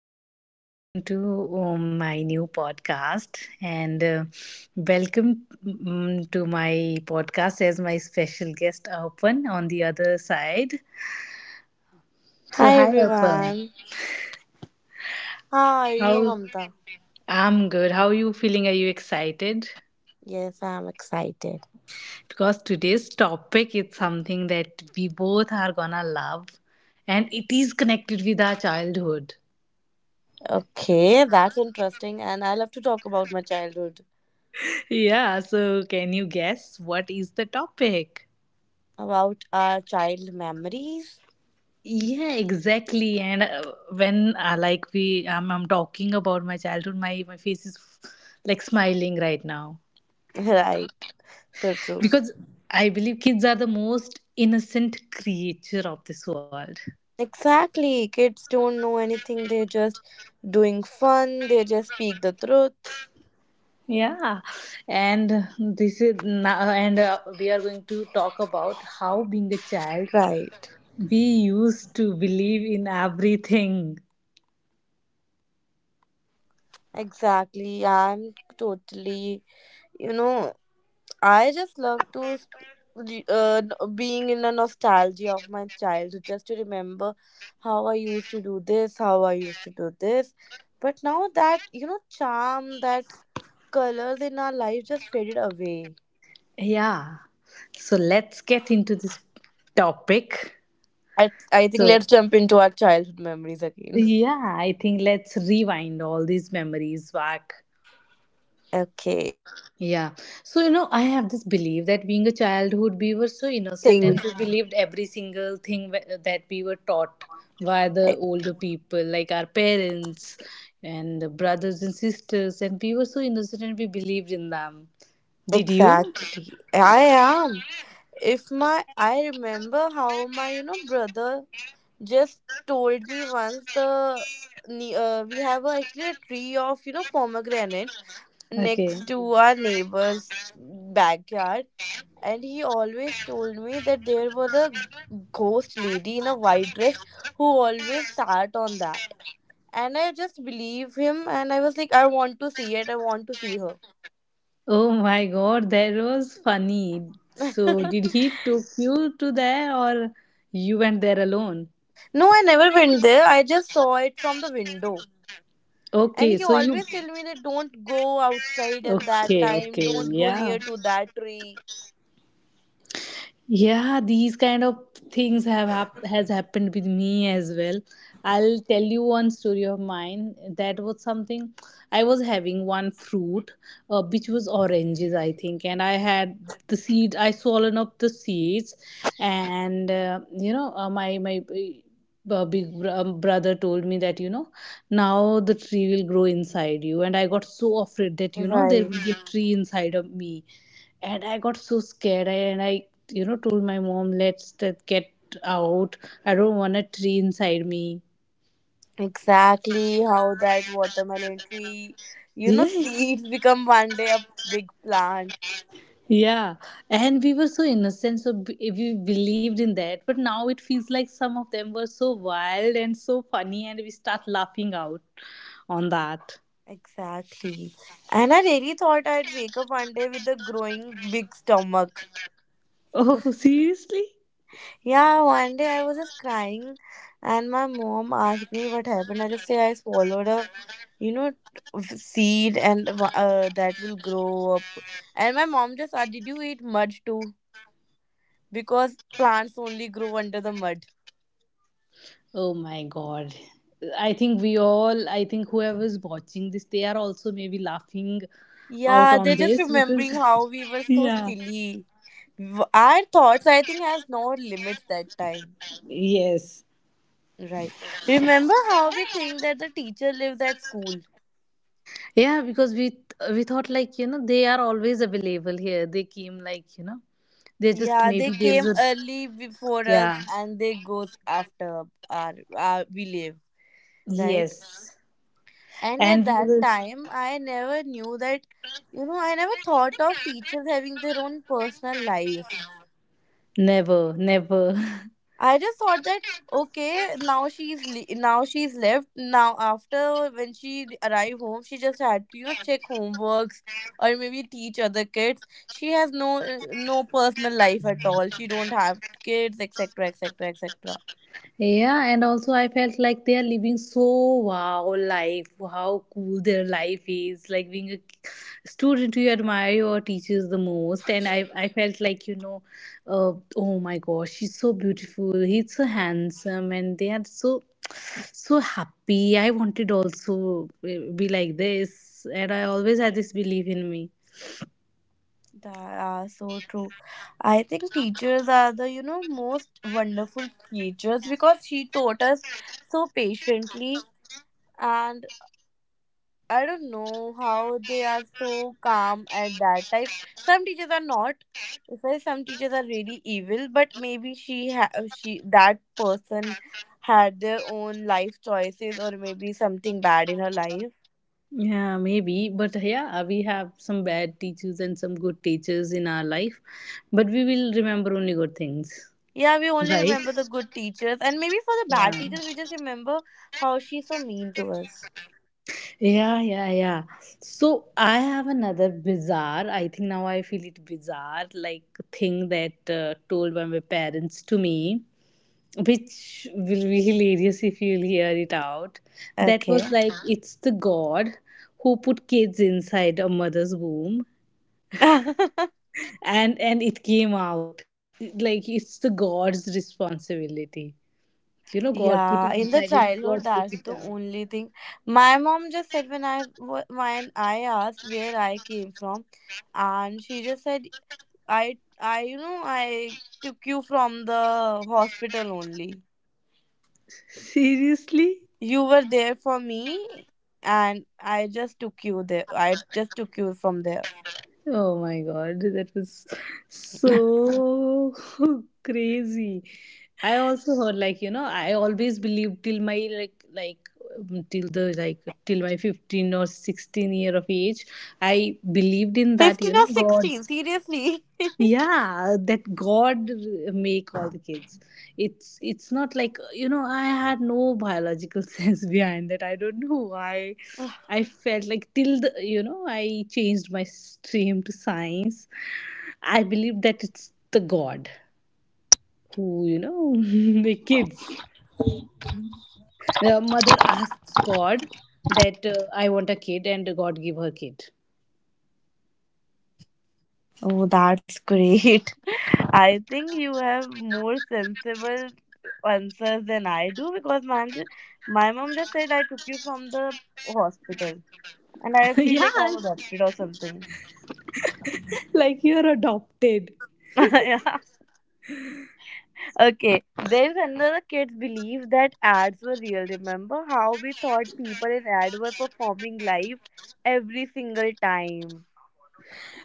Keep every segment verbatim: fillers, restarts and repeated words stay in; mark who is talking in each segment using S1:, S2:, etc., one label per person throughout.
S1: everyone, welcome to um, my new podcast, and uh, welcome mm, to my podcast as my special guest Arpan on the other side. So
S2: Hi
S1: hi Arpan,
S2: everyone. How are you,
S1: how
S2: Mamta?
S1: I'm good. How are you feeling? Are you excited?
S2: Yes, I'm excited.
S1: Because today's topic is something that we both are gonna love, and it is connected with our childhood.
S2: Okay, that's interesting. And I love to talk about my childhood,
S1: Yeah, so can you guess what is the topic?
S2: about our child memories.
S1: Yeah, exactly. And uh, when uh, like we, um, I'm talking about my childhood. My my face is like smiling right now
S2: Right, so true.
S1: because I believe kids are the most innocent creature of this world.
S2: Exactly. Kids don't know anything, they're just doing fun, they just speak the truth.
S1: Yeah, and this is now, and uh, we are going to talk about how being a child
S2: Right.
S1: we used to believe in everything.
S2: Exactly. I'm totally, you know, I just love to s- re- uh, n- being in the nostalgia of my childhood, just to remember how I used to do this, how I used to do this. But now that you know, charm that colors in our life just faded away.
S1: Yeah, so let's get into this topic.
S2: I I think
S1: So
S2: let's jump into our childhood memories again.
S1: yeah, I think let's rewind all these memories back.
S2: Okay.
S1: Yeah. So, you know, I have this belief that being a childhood, we were so innocent and
S3: Thing.
S1: we believed every single thing wh- that we were taught by the
S3: E-
S1: older people, like our parents and the brothers and sisters. And we were so innocent and we believed in them. Did you?
S3: Exactly. I am. If my I remember how my, you know, brother just told me once the ne- uh, we have a, actually a tree of, you know, pomegranate
S1: Okay.
S3: next to, mhm, our neighbor's backyard, and he always told me that there was a ghost lady in a white dress who always sat on that, and I just believe him and I was like, I want to see it, I want to see her.
S1: Oh my God, that was funny. So, did he took you to there or you went there alone?
S3: No, I never went there. I just saw it from the window. And
S1: Okay,
S3: he
S1: so you
S3: always tell me that don't go outside and that
S1: okay,
S3: time,
S1: okay,
S3: don't go
S1: yeah.
S3: near to that tree.
S1: Yeah, these kind of things have hap- has happened with me as well. I'll tell you one story of mine. That was something. I was having one fruit, uh, which was oranges, I think, and I had the seed. I swollen up the seeds, and uh, you know, uh, my my. Uh, big br- um, brother told me that you know now the tree will grow inside you, and I got so afraid that you know there
S3: Right.
S1: will be a tree inside of me, and I got so scared. I, and i you know told my mom, let's t- get out, I don't want a tree inside me.
S3: Exactly how that watermelon tree, you know,
S1: Yeah,
S3: seeds become one day a big plant.
S1: yeah, and we were so innocent, so b- we believed in that. But now it feels like some of them were so wild and so funny, and we start laughing out on that.
S3: Exactly. And I really thought I'd wake up one day with a growing big stomach.
S1: Oh, seriously,
S3: Yeah, one day I was just crying and my mom asked me what happened. I just say I swallowed a, you know, f- seed and wa- uh, that will grow up. And my mom just asked, did you eat mud too? Because plants only grow under the mud.
S1: oh my God, I think we all, I think whoever's watching this, they are also maybe laughing out
S3: Yeah, they're
S1: on
S3: just
S1: this because
S3: remembering how we were so
S1: yeah.
S3: silly. W- Our thoughts, I think, has no limits that time.
S1: Yes.
S3: Right. Remember how we think that the teacher lives at school?
S1: Yeah, because we th- we thought like you know they are always available here. They came like you know they just
S3: Yeah, they
S1: maybe there's
S3: came
S1: a
S3: early before us
S1: yeah.
S3: and they goes after our, our we leave, right?
S1: Yes.
S3: And at
S1: And we
S3: that
S1: were
S3: time, I never knew that, you know, I never thought of teachers having their own personal life.
S1: never never
S3: I just thought that okay, now she's le- now she's left. Now after when she arrived home, she just had to, you know check homeworks or maybe teach other kids. She has no uh, no personal life at all. She don't have kids, et cetera, et cetera, et cetera.
S1: yeah. And also I felt like they are living so wow life, how cool their life is. Like being a student, you admire your teachers the most, and I I felt like you know, uh, oh my gosh, she's so beautiful, he's so handsome, and they are so so happy. I wanted also uh, be like this, and I always had this belief in me.
S3: That are so true. I think teachers are the, you know, most wonderful creatures because she taught us so patiently and I don't know how they are so calm at that time. Some teachers are not. If I some teachers are really evil, but maybe she ha- she, that person, had their own life choices or maybe something bad in her life.
S1: Yeah, maybe. But yeah, we have some bad teachers and some good teachers in our life. But we will remember only good things,
S3: Yeah, we only
S1: right?
S3: remember the good teachers and maybe for the bad
S1: Yeah.
S3: teachers we just remember how she's so mean to us.
S1: Yeah, yeah, yeah. So I have another bizarre, I think now I feel it bizarre, like thing that uh, told by my parents to me, which will be hilarious if you'll hear it out. That was
S3: Okay.
S1: like, it's the God who put kids inside a mother's womb, and and it came out. It like it's the God's responsibility you know. God put
S3: Yeah,
S1: it
S3: in the
S1: inside him, God
S3: childhood, that's the only thing. My mom just said when I wa- when I asked where I came from, and she just said, "I I you know I took you from the hospital only.
S1: seriously,
S3: You were there for me, and I just took you there. I just took you from there."
S1: oh my God, that was so crazy. I also heard like you know I always believed till my like like um, till the like till my fifteen or sixteen year of age, I believed in that you
S3: Fifteen
S1: know
S3: or
S1: God.
S3: sixteen? Seriously?
S1: Yeah, that God make all the kids. It's it's not like you know I had no biological sense behind that. I don't know why I felt like till the you know I changed my stream to science, I believe that it's the God who you know make kids. The mother asks God that uh, I want a kid, and God give her kid.
S4: Oh, that's great. I think you have more sensible answers than I do because my, my mom just said I took you from the hospital and I feel
S1: Yeah,
S4: like I'm adopted or something.
S1: like you're adopted.
S4: Yeah. Okay. There's another kids believe that ads were real. Remember how we thought people in ad were performing live every single time.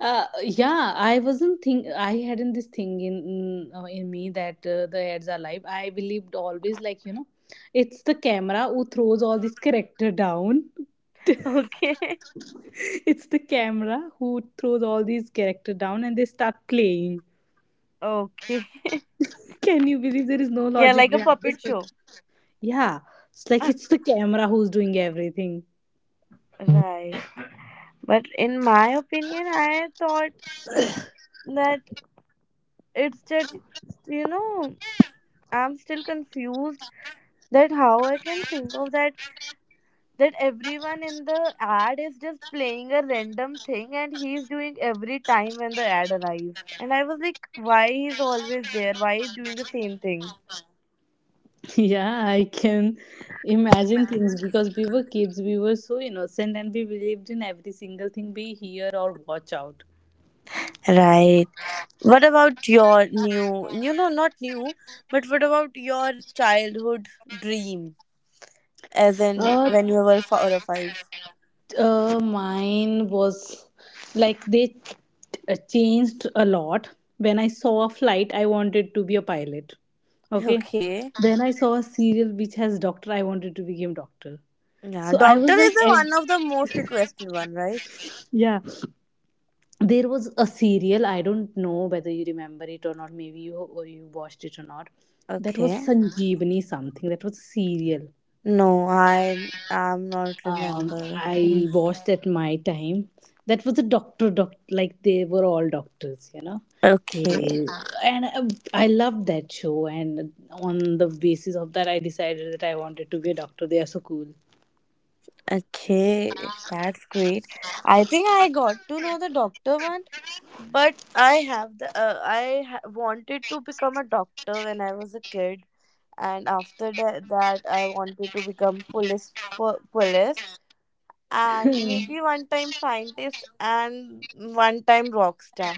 S1: Uh, yeah, I wasn't think I hadn't this thing in in, uh, in me that uh, the ads are live. I believed always like you know, it's the camera who throws all this character down.
S4: Okay.
S1: It's the camera who throws all these character down, and they start playing.
S4: Okay.
S1: Can you believe there is no
S4: Yeah,
S1: logic
S4: like a
S1: behind?
S4: puppet show.
S1: Yeah, it's like it's the camera who's doing everything.
S4: Right. But in my opinion, I thought that it's just, you know, I'm still confused that how I can think of that that everyone in the ad is just playing a random thing and he's doing every time when the ad arrives. And I was like, why he's always there? Why he's doing the same thing?
S1: Yeah, I can imagine things because we were kids, we were so innocent, and we believed in every single thing we hear or watch out.
S4: Right. What about your new, you know, not new, but what about your childhood dream, as in
S1: Uh,
S4: when you were four or five?
S1: uh, Mine was like they uh, changed a lot. When I saw a flight, I wanted to be a pilot. Okay.
S4: Okay.
S1: Then I saw a serial which has doctor. I wanted to become doctor.
S4: Yeah,
S1: So I
S4: doctor
S1: was
S4: is
S1: like,
S4: the
S1: ev-
S4: one of the most requested one, right?
S1: yeah. There was a serial. I don't know whether you remember it or not. Maybe you or you watched it or not. That was
S4: Okay.
S1: Sanjeevani something. That was a serial
S4: No, I am not
S1: um,
S4: remember.
S1: I watched at my time. That was a doctor, doc, like they were all doctors, you know. They,
S4: Okay.
S1: and uh, I loved that show, and on the basis of that, I decided that I wanted to be a doctor. They are so cool.
S4: Okay, that's great. I think I got to know the doctor one, but I have the uh, I ha- wanted to become a doctor when I was a kid, and after that, that I wanted to become police po- police and maybe one time scientist and one time rock star.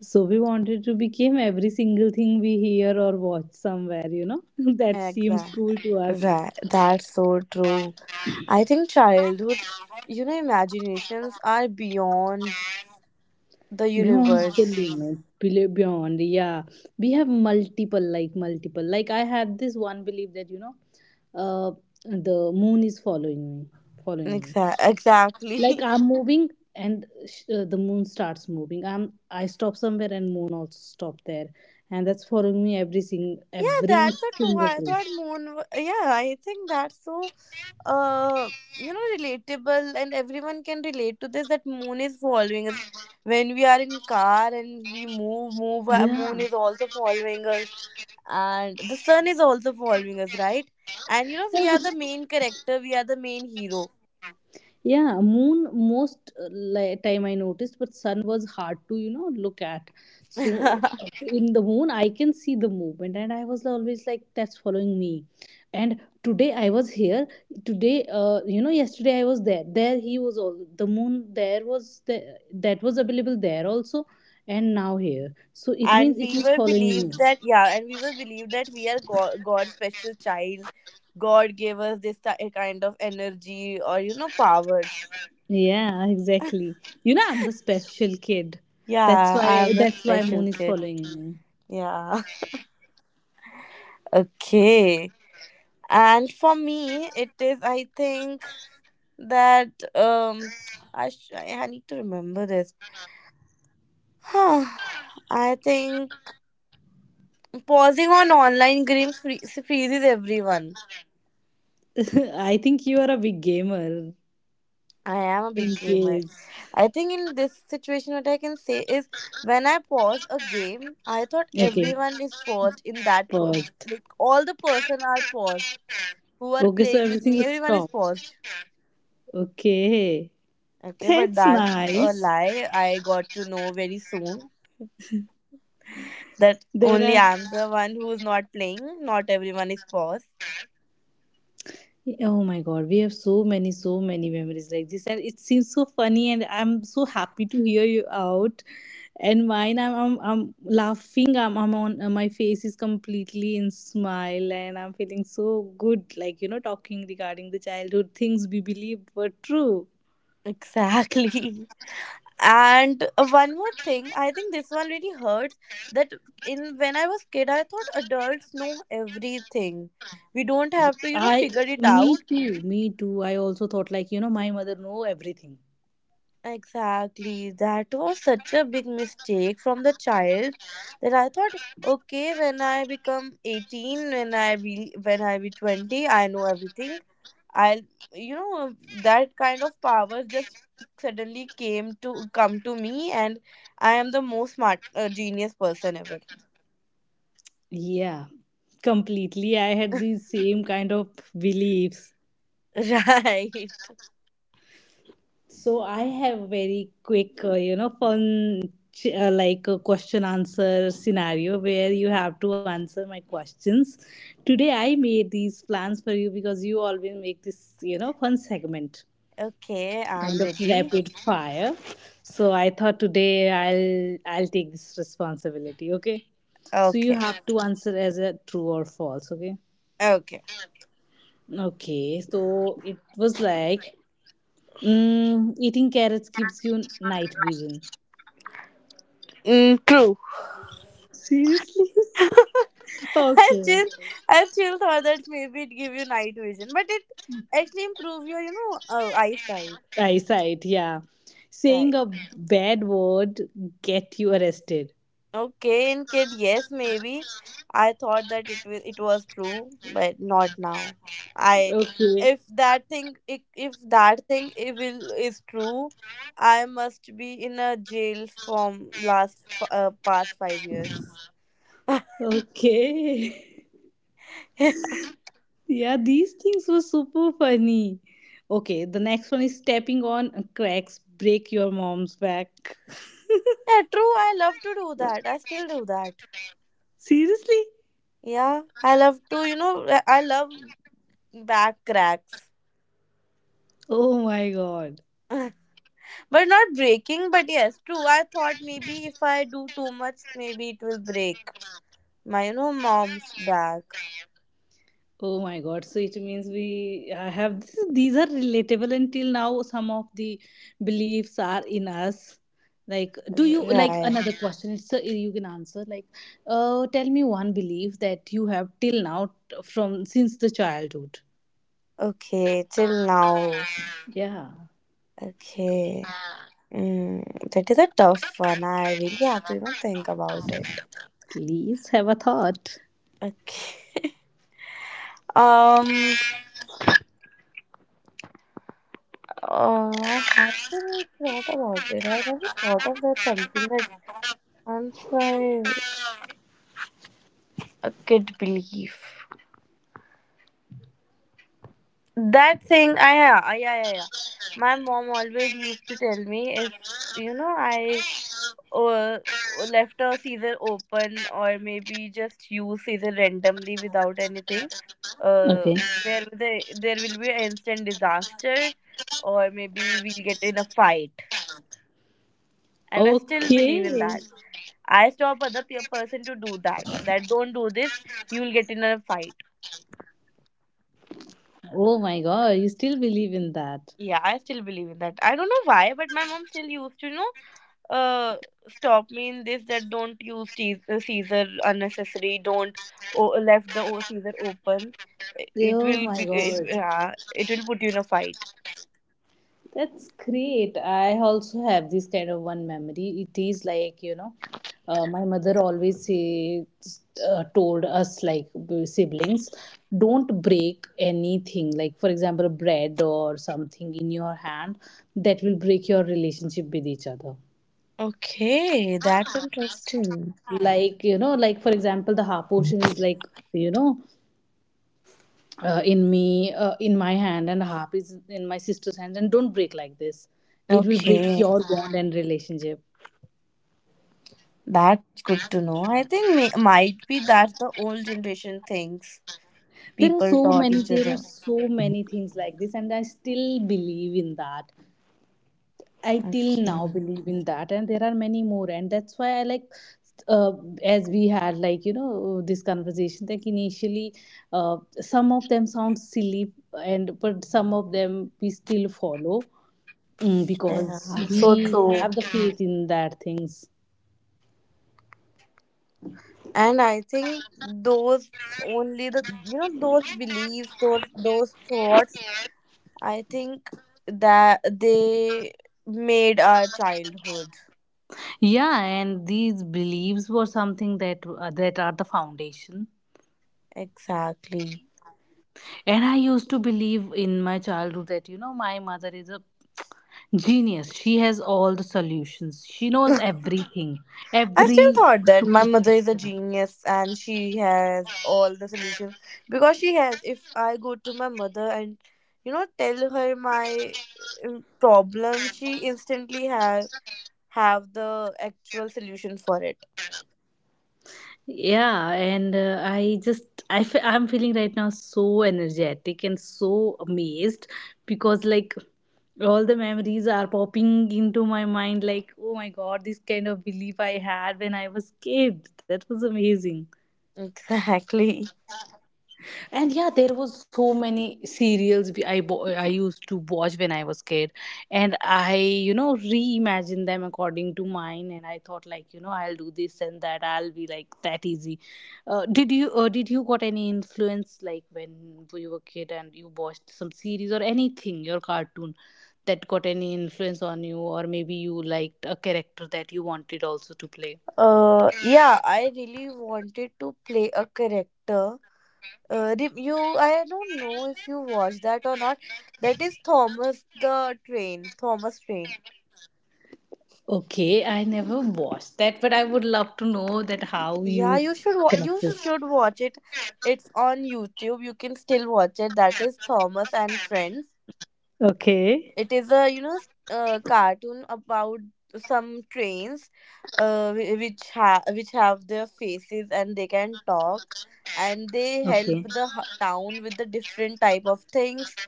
S1: So we wanted to become every single thing we hear or watch somewhere, you know. That seems
S4: Exactly.
S1: cool to us.
S4: Right. That's so true. I think childhood, you know, imaginations are beyond the
S1: Beyond the
S4: universe.
S1: limit, below- beyond, yeah. We have multiple, like multiple. Like I had this one belief that, you know, uh, the moon is following me, following me.
S4: Exa-
S1: Like
S4: exactly.
S1: I'm moving, and sh- uh, the moon starts moving. I'm I stop somewhere, and moon also stop there, and that's following me every sing
S4: Yeah,
S1: every
S4: that's a true.
S1: single
S4: I thought
S1: place.
S4: moon. w- Yeah, I think that's so, uh, you know, relatable, and everyone can relate to this. That moon is following us when we are in car and we move, move. uh,
S1: Yeah.
S4: Moon is also following us, and the sun is also following us, right? And you know,
S1: Yeah,
S4: we are
S1: but
S4: the main character. We are the main hero.
S1: yeah, moon most uh, li- time I noticed, but sun was hard to you know look at. So uh, in the moon, I can see the movement, and I was always like, "That's following me." And today I was here. Today, uh, you know, yesterday I was there. There he was. All the moon there was the, that was available there also, and now here. So it
S4: and
S1: means it
S4: we
S1: is
S4: were
S1: following me.
S4: believed that yeah and we were believed that we are god, god's special child. God gave us this ti- kind of energy or you know powers.
S1: Yeah, exactly. You know, I'm the special kid. That's
S4: Yeah, I
S1: why.
S4: am the
S1: That's why moon
S4: special
S1: is
S4: kid.
S1: following me.
S4: Yeah. Okay, and for me it is, I think that um I sh- I I need to remember this. Huh. I think pausing on online games free- freezes everyone.
S1: I think you are a big gamer
S4: I am a big
S1: in
S4: gamer.
S1: case.
S4: I think in this situation, what I can say is when I pause a game, I thought
S1: Okay,
S4: everyone is paused in that, per-
S1: paused.
S4: like all the person are paused who are
S1: Okay, so
S4: playing with
S1: everything
S4: me.
S1: is
S4: Everyone is
S1: stopped.
S4: paused.
S1: Okay,
S4: Okay, but
S1: that's
S4: that's a
S1: nice.
S4: lie. I got to know very soon that
S1: There
S4: only
S1: are
S4: I'm the one who's not playing. Not everyone is paused.
S1: yeah, oh my God, we have so many, so many memories like this, and it seems so funny. And I'm so happy to hear you out. And mine, I'm, I'm, I'm laughing. I'm, I'm on. uh, My face is completely in smile, and I'm feeling so good. Like you know, talking regarding the childhood things we believed were true.
S4: Exactly. And uh, one more thing, I think this one really hurts that in when I was kid, I thought adults know everything. We don't have to you know
S1: I,
S4: figure it
S1: me
S4: out.
S1: too, me too. I also thought like you know, my mother know everything.
S4: Exactly. That was such a big mistake from the child that I thought, okay, when I become eighteen, when i be when i be twenty, I know everything. I'll you know that kind of power just suddenly came to come to me, and I am the most smart, uh, genius person ever.
S1: Yeah, completely. I had the same kind of beliefs.
S4: Right.
S1: So I have very quick, uh, you know, fun ch- uh, like a question answer scenario where you have to answer my questions. Today I made these plans for you because you always make this, you know, fun segment
S4: Okay, I'm
S1: kind of
S4: ready.
S1: rapid fire. So I thought today I'll I'll take this responsibility, okay? So you
S4: Okay.
S1: have to answer as a true or false, okay?
S4: Okay.
S1: Okay, so it was like mm, eating carrots gives you night vision.
S4: Mm, true.
S1: Seriously?
S4: i
S1: Okay.
S4: still, i still thought that maybe it give you night vision, but it actually improve your, you know, uh, eyesight.
S1: Eyesight, yeah. Saying
S4: Right.
S1: a bad word get you arrested.
S4: Okay, in kid, yes, maybe. I thought that it was it was true, but not now. I
S1: Okay.
S4: if that thing if, if that thing it will is true, I must be in a jail from last f- uh, past five years.
S1: Okay. Yeah, these things were super funny. Okay, the next one is stepping on cracks, break your mom's back.
S4: Yeah, true. I love to do that. I still do that.
S1: Seriously?
S4: Yeah, I love to. You know, I I love back cracks.
S1: Oh my God.
S4: But not breaking, but yes true, I thought maybe if I do too much, maybe it will break My no mom's back.
S1: Oh my God, so it means we I have this, these are relatable until now. Some of the beliefs are in us. Like do you like
S4: Right.
S1: another question? It's a, you can answer like uh tell me one belief that you have till now t- from since the childhood.
S4: Okay, till now.
S1: Yeah,
S4: Okay. Mm, that is a tough one. I really have to, you know, think about it.
S1: please have a thought.
S4: Okay. um. Oh, I haven't thought about it. I never thought of that something that I'm sorry. A kid belief. That thing. I yeah yeah yeah yeah. My mom always used to tell me if you know I or left a season open or maybe just use season randomly without anything uh
S1: Okay.
S4: there there, there will be an instant disaster or maybe we'll get in a fight, and I still believe in
S1: Okay.
S4: that. I stop other pe- person to do that that don't do this, you will get in a fight.
S1: Oh my God, you still believe in that.
S4: Yeah, I still believe in that. I don't know why, but my mom still used to you know uh stop me in this that don't use cheese, uh, caesar unnecessary, don't o- left the o- caesar open, it
S1: Oh
S4: will
S1: my
S4: be it,
S1: God.
S4: yeah it will put you in a fight.
S1: That's great. I also have this kind of one memory. It is like, you know, uh, my mother always says, uh, told us, like siblings, don't break anything. Like, for example, bread or something in your hand, that will break your relationship with each other.
S4: Okay, that's interesting.
S1: Like, you know, like, for example, the half portion is like, you know, uh, in me uh, in my hand, and harp is in my sister's hand, and don't break like this, it will break
S4: Okay,
S1: your bond and relationship.
S4: that's good to know. I think may, might be that's the old generation things
S1: There are
S4: people
S1: so
S4: taught
S1: many,
S4: each
S1: there are
S4: other.
S1: so many things like this, and I still believe in that. I till now
S4: Okay,
S1: believe in that, and there are many more. And that's why I like uh, as we had like you know this conversation, like initially uh, some of them sound silly, and but some of them we still follow. Mm, because
S4: yeah, so
S1: we
S4: true.
S1: have the faith in that things.
S4: And I think those only the you know those beliefs, those those thoughts, I think that they made our childhood.
S1: Yeah, and these beliefs were something that uh, that are the foundation.
S4: Exactly.
S1: And I used to believe in my childhood that you know my mother is a genius. She has all the solutions. She knows everything.
S4: I still
S1: Every
S4: thought that my mother is a genius and she has all the solutions because she has. If I go to my mother and you know tell her my um, problem, she instantly have have the actual solution for it.
S1: yeah, and uh, I just I fe- I'm feeling right now so energetic and so amazed because like all the memories are popping into my mind. Like oh my God, this kind of belief I had when I was kid, that was amazing.
S4: Exactly.
S1: And yeah, there was so many serials we- i bo- i used to watch when I was kid, and I you know reimagined them according to mine, and I thought like you know I'll do this and that, I'll be like that easy. Uh, did you uh, did you got any influence like when you were kid, and you watched some series or anything, your cartoon, that got any influence on you, or maybe you liked a character that you wanted also to play.
S4: Uh, yeah, I really wanted to play a character. Uh, re- you, I don't know if you watched that or not. That is Thomas the Train, Thomas Train.
S1: Okay, I never watched that, but I would love to know that how
S4: Yeah,
S1: you
S4: you should wa-
S1: connect
S4: you
S1: this.
S4: should watch it. It's on YouTube. You can still watch it. That is Thomas and Friends.
S1: Okay.
S4: It is a you know s- uh, cartoon about some trains, uh, whi- which have which have their faces and they can talk, and they
S1: Okay,
S4: help the h- town with the different type of things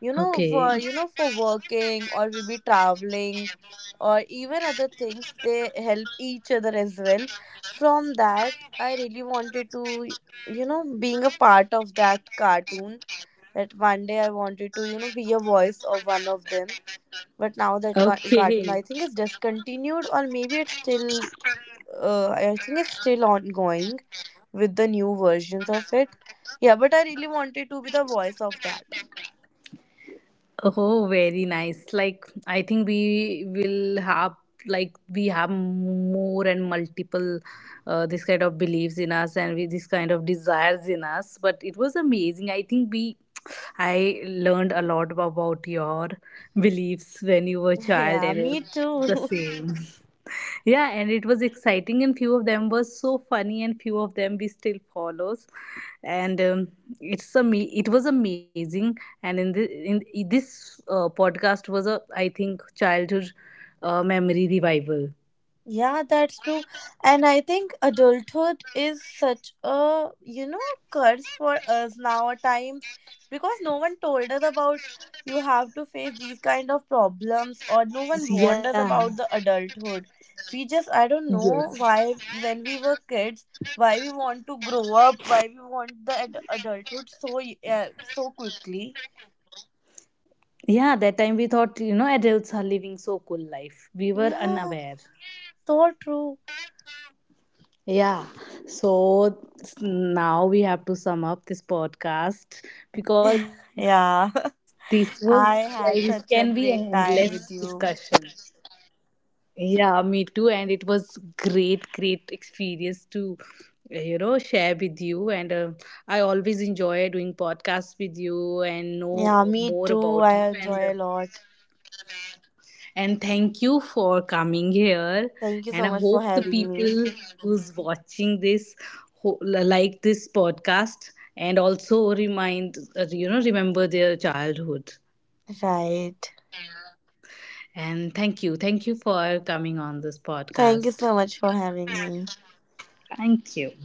S4: you know
S1: okay.
S4: for you know for working or maybe traveling or even other things. They help each other as well. From that I really wanted to you know being a part of that cartoon, that one day I wanted to you know be a voice of one of them. But now that car- cartoon
S1: Okay.
S4: I think is discontinued, or maybe it's still, uh, I think it's still ongoing with the new versions of it. Yeah, but I really wanted to be the voice of that.
S1: Oh, very nice. Like, I think we will have like we have more and multiple uh, this kind of beliefs in us, and with this kind of desires in us. But it was amazing. I think we I learned a lot about your beliefs when you were a child,
S4: Yeah,
S1: and
S4: me
S1: it's the
S4: too.
S1: same. Yeah, and it was exciting, and few of them were so funny, and few of them we still follows, and um, it's a it was amazing. And in the in this uh, podcast was a I think childhood uh, memory revival.
S4: Yeah, that's true. And I think adulthood is such a, you know, curse for us now at times, because no one told us about you have to face these kind of problems, or no one warned us
S1: Yeah.
S4: about the adulthood. We just, I don't know
S1: Yes.
S4: why when we were kids, why we want to grow up, why we want the ad- adulthood so uh, so quickly.
S1: Yeah, that time we thought you know adults are living so cool life. We were
S4: Yeah,
S1: unaware.
S4: so true.
S1: Yeah, so s- now we have to sum up this podcast because this
S4: Yeah,
S1: was like this can
S4: I
S1: be an
S4: had such a
S1: endless
S4: great time
S1: discussion.
S4: with you.
S1: Yeah, me too, and it was great, great experience to uh, you know share with you. And uh, I always enjoy doing podcasts with you and know
S4: Yeah,
S1: more
S4: me too.
S1: about you.
S4: I
S1: And
S4: enjoy a lot.
S1: and thank you for coming here,
S4: Thank you
S1: and
S4: so
S1: I
S4: much for
S1: hope the
S4: having me.
S1: people who's watching this ho- like this podcast, and also remind uh, you know remember their childhood.
S4: Right.
S1: And thank you, thank you for coming on this
S4: Thank you
S1: podcast.
S4: so much for having me.
S1: Thank you.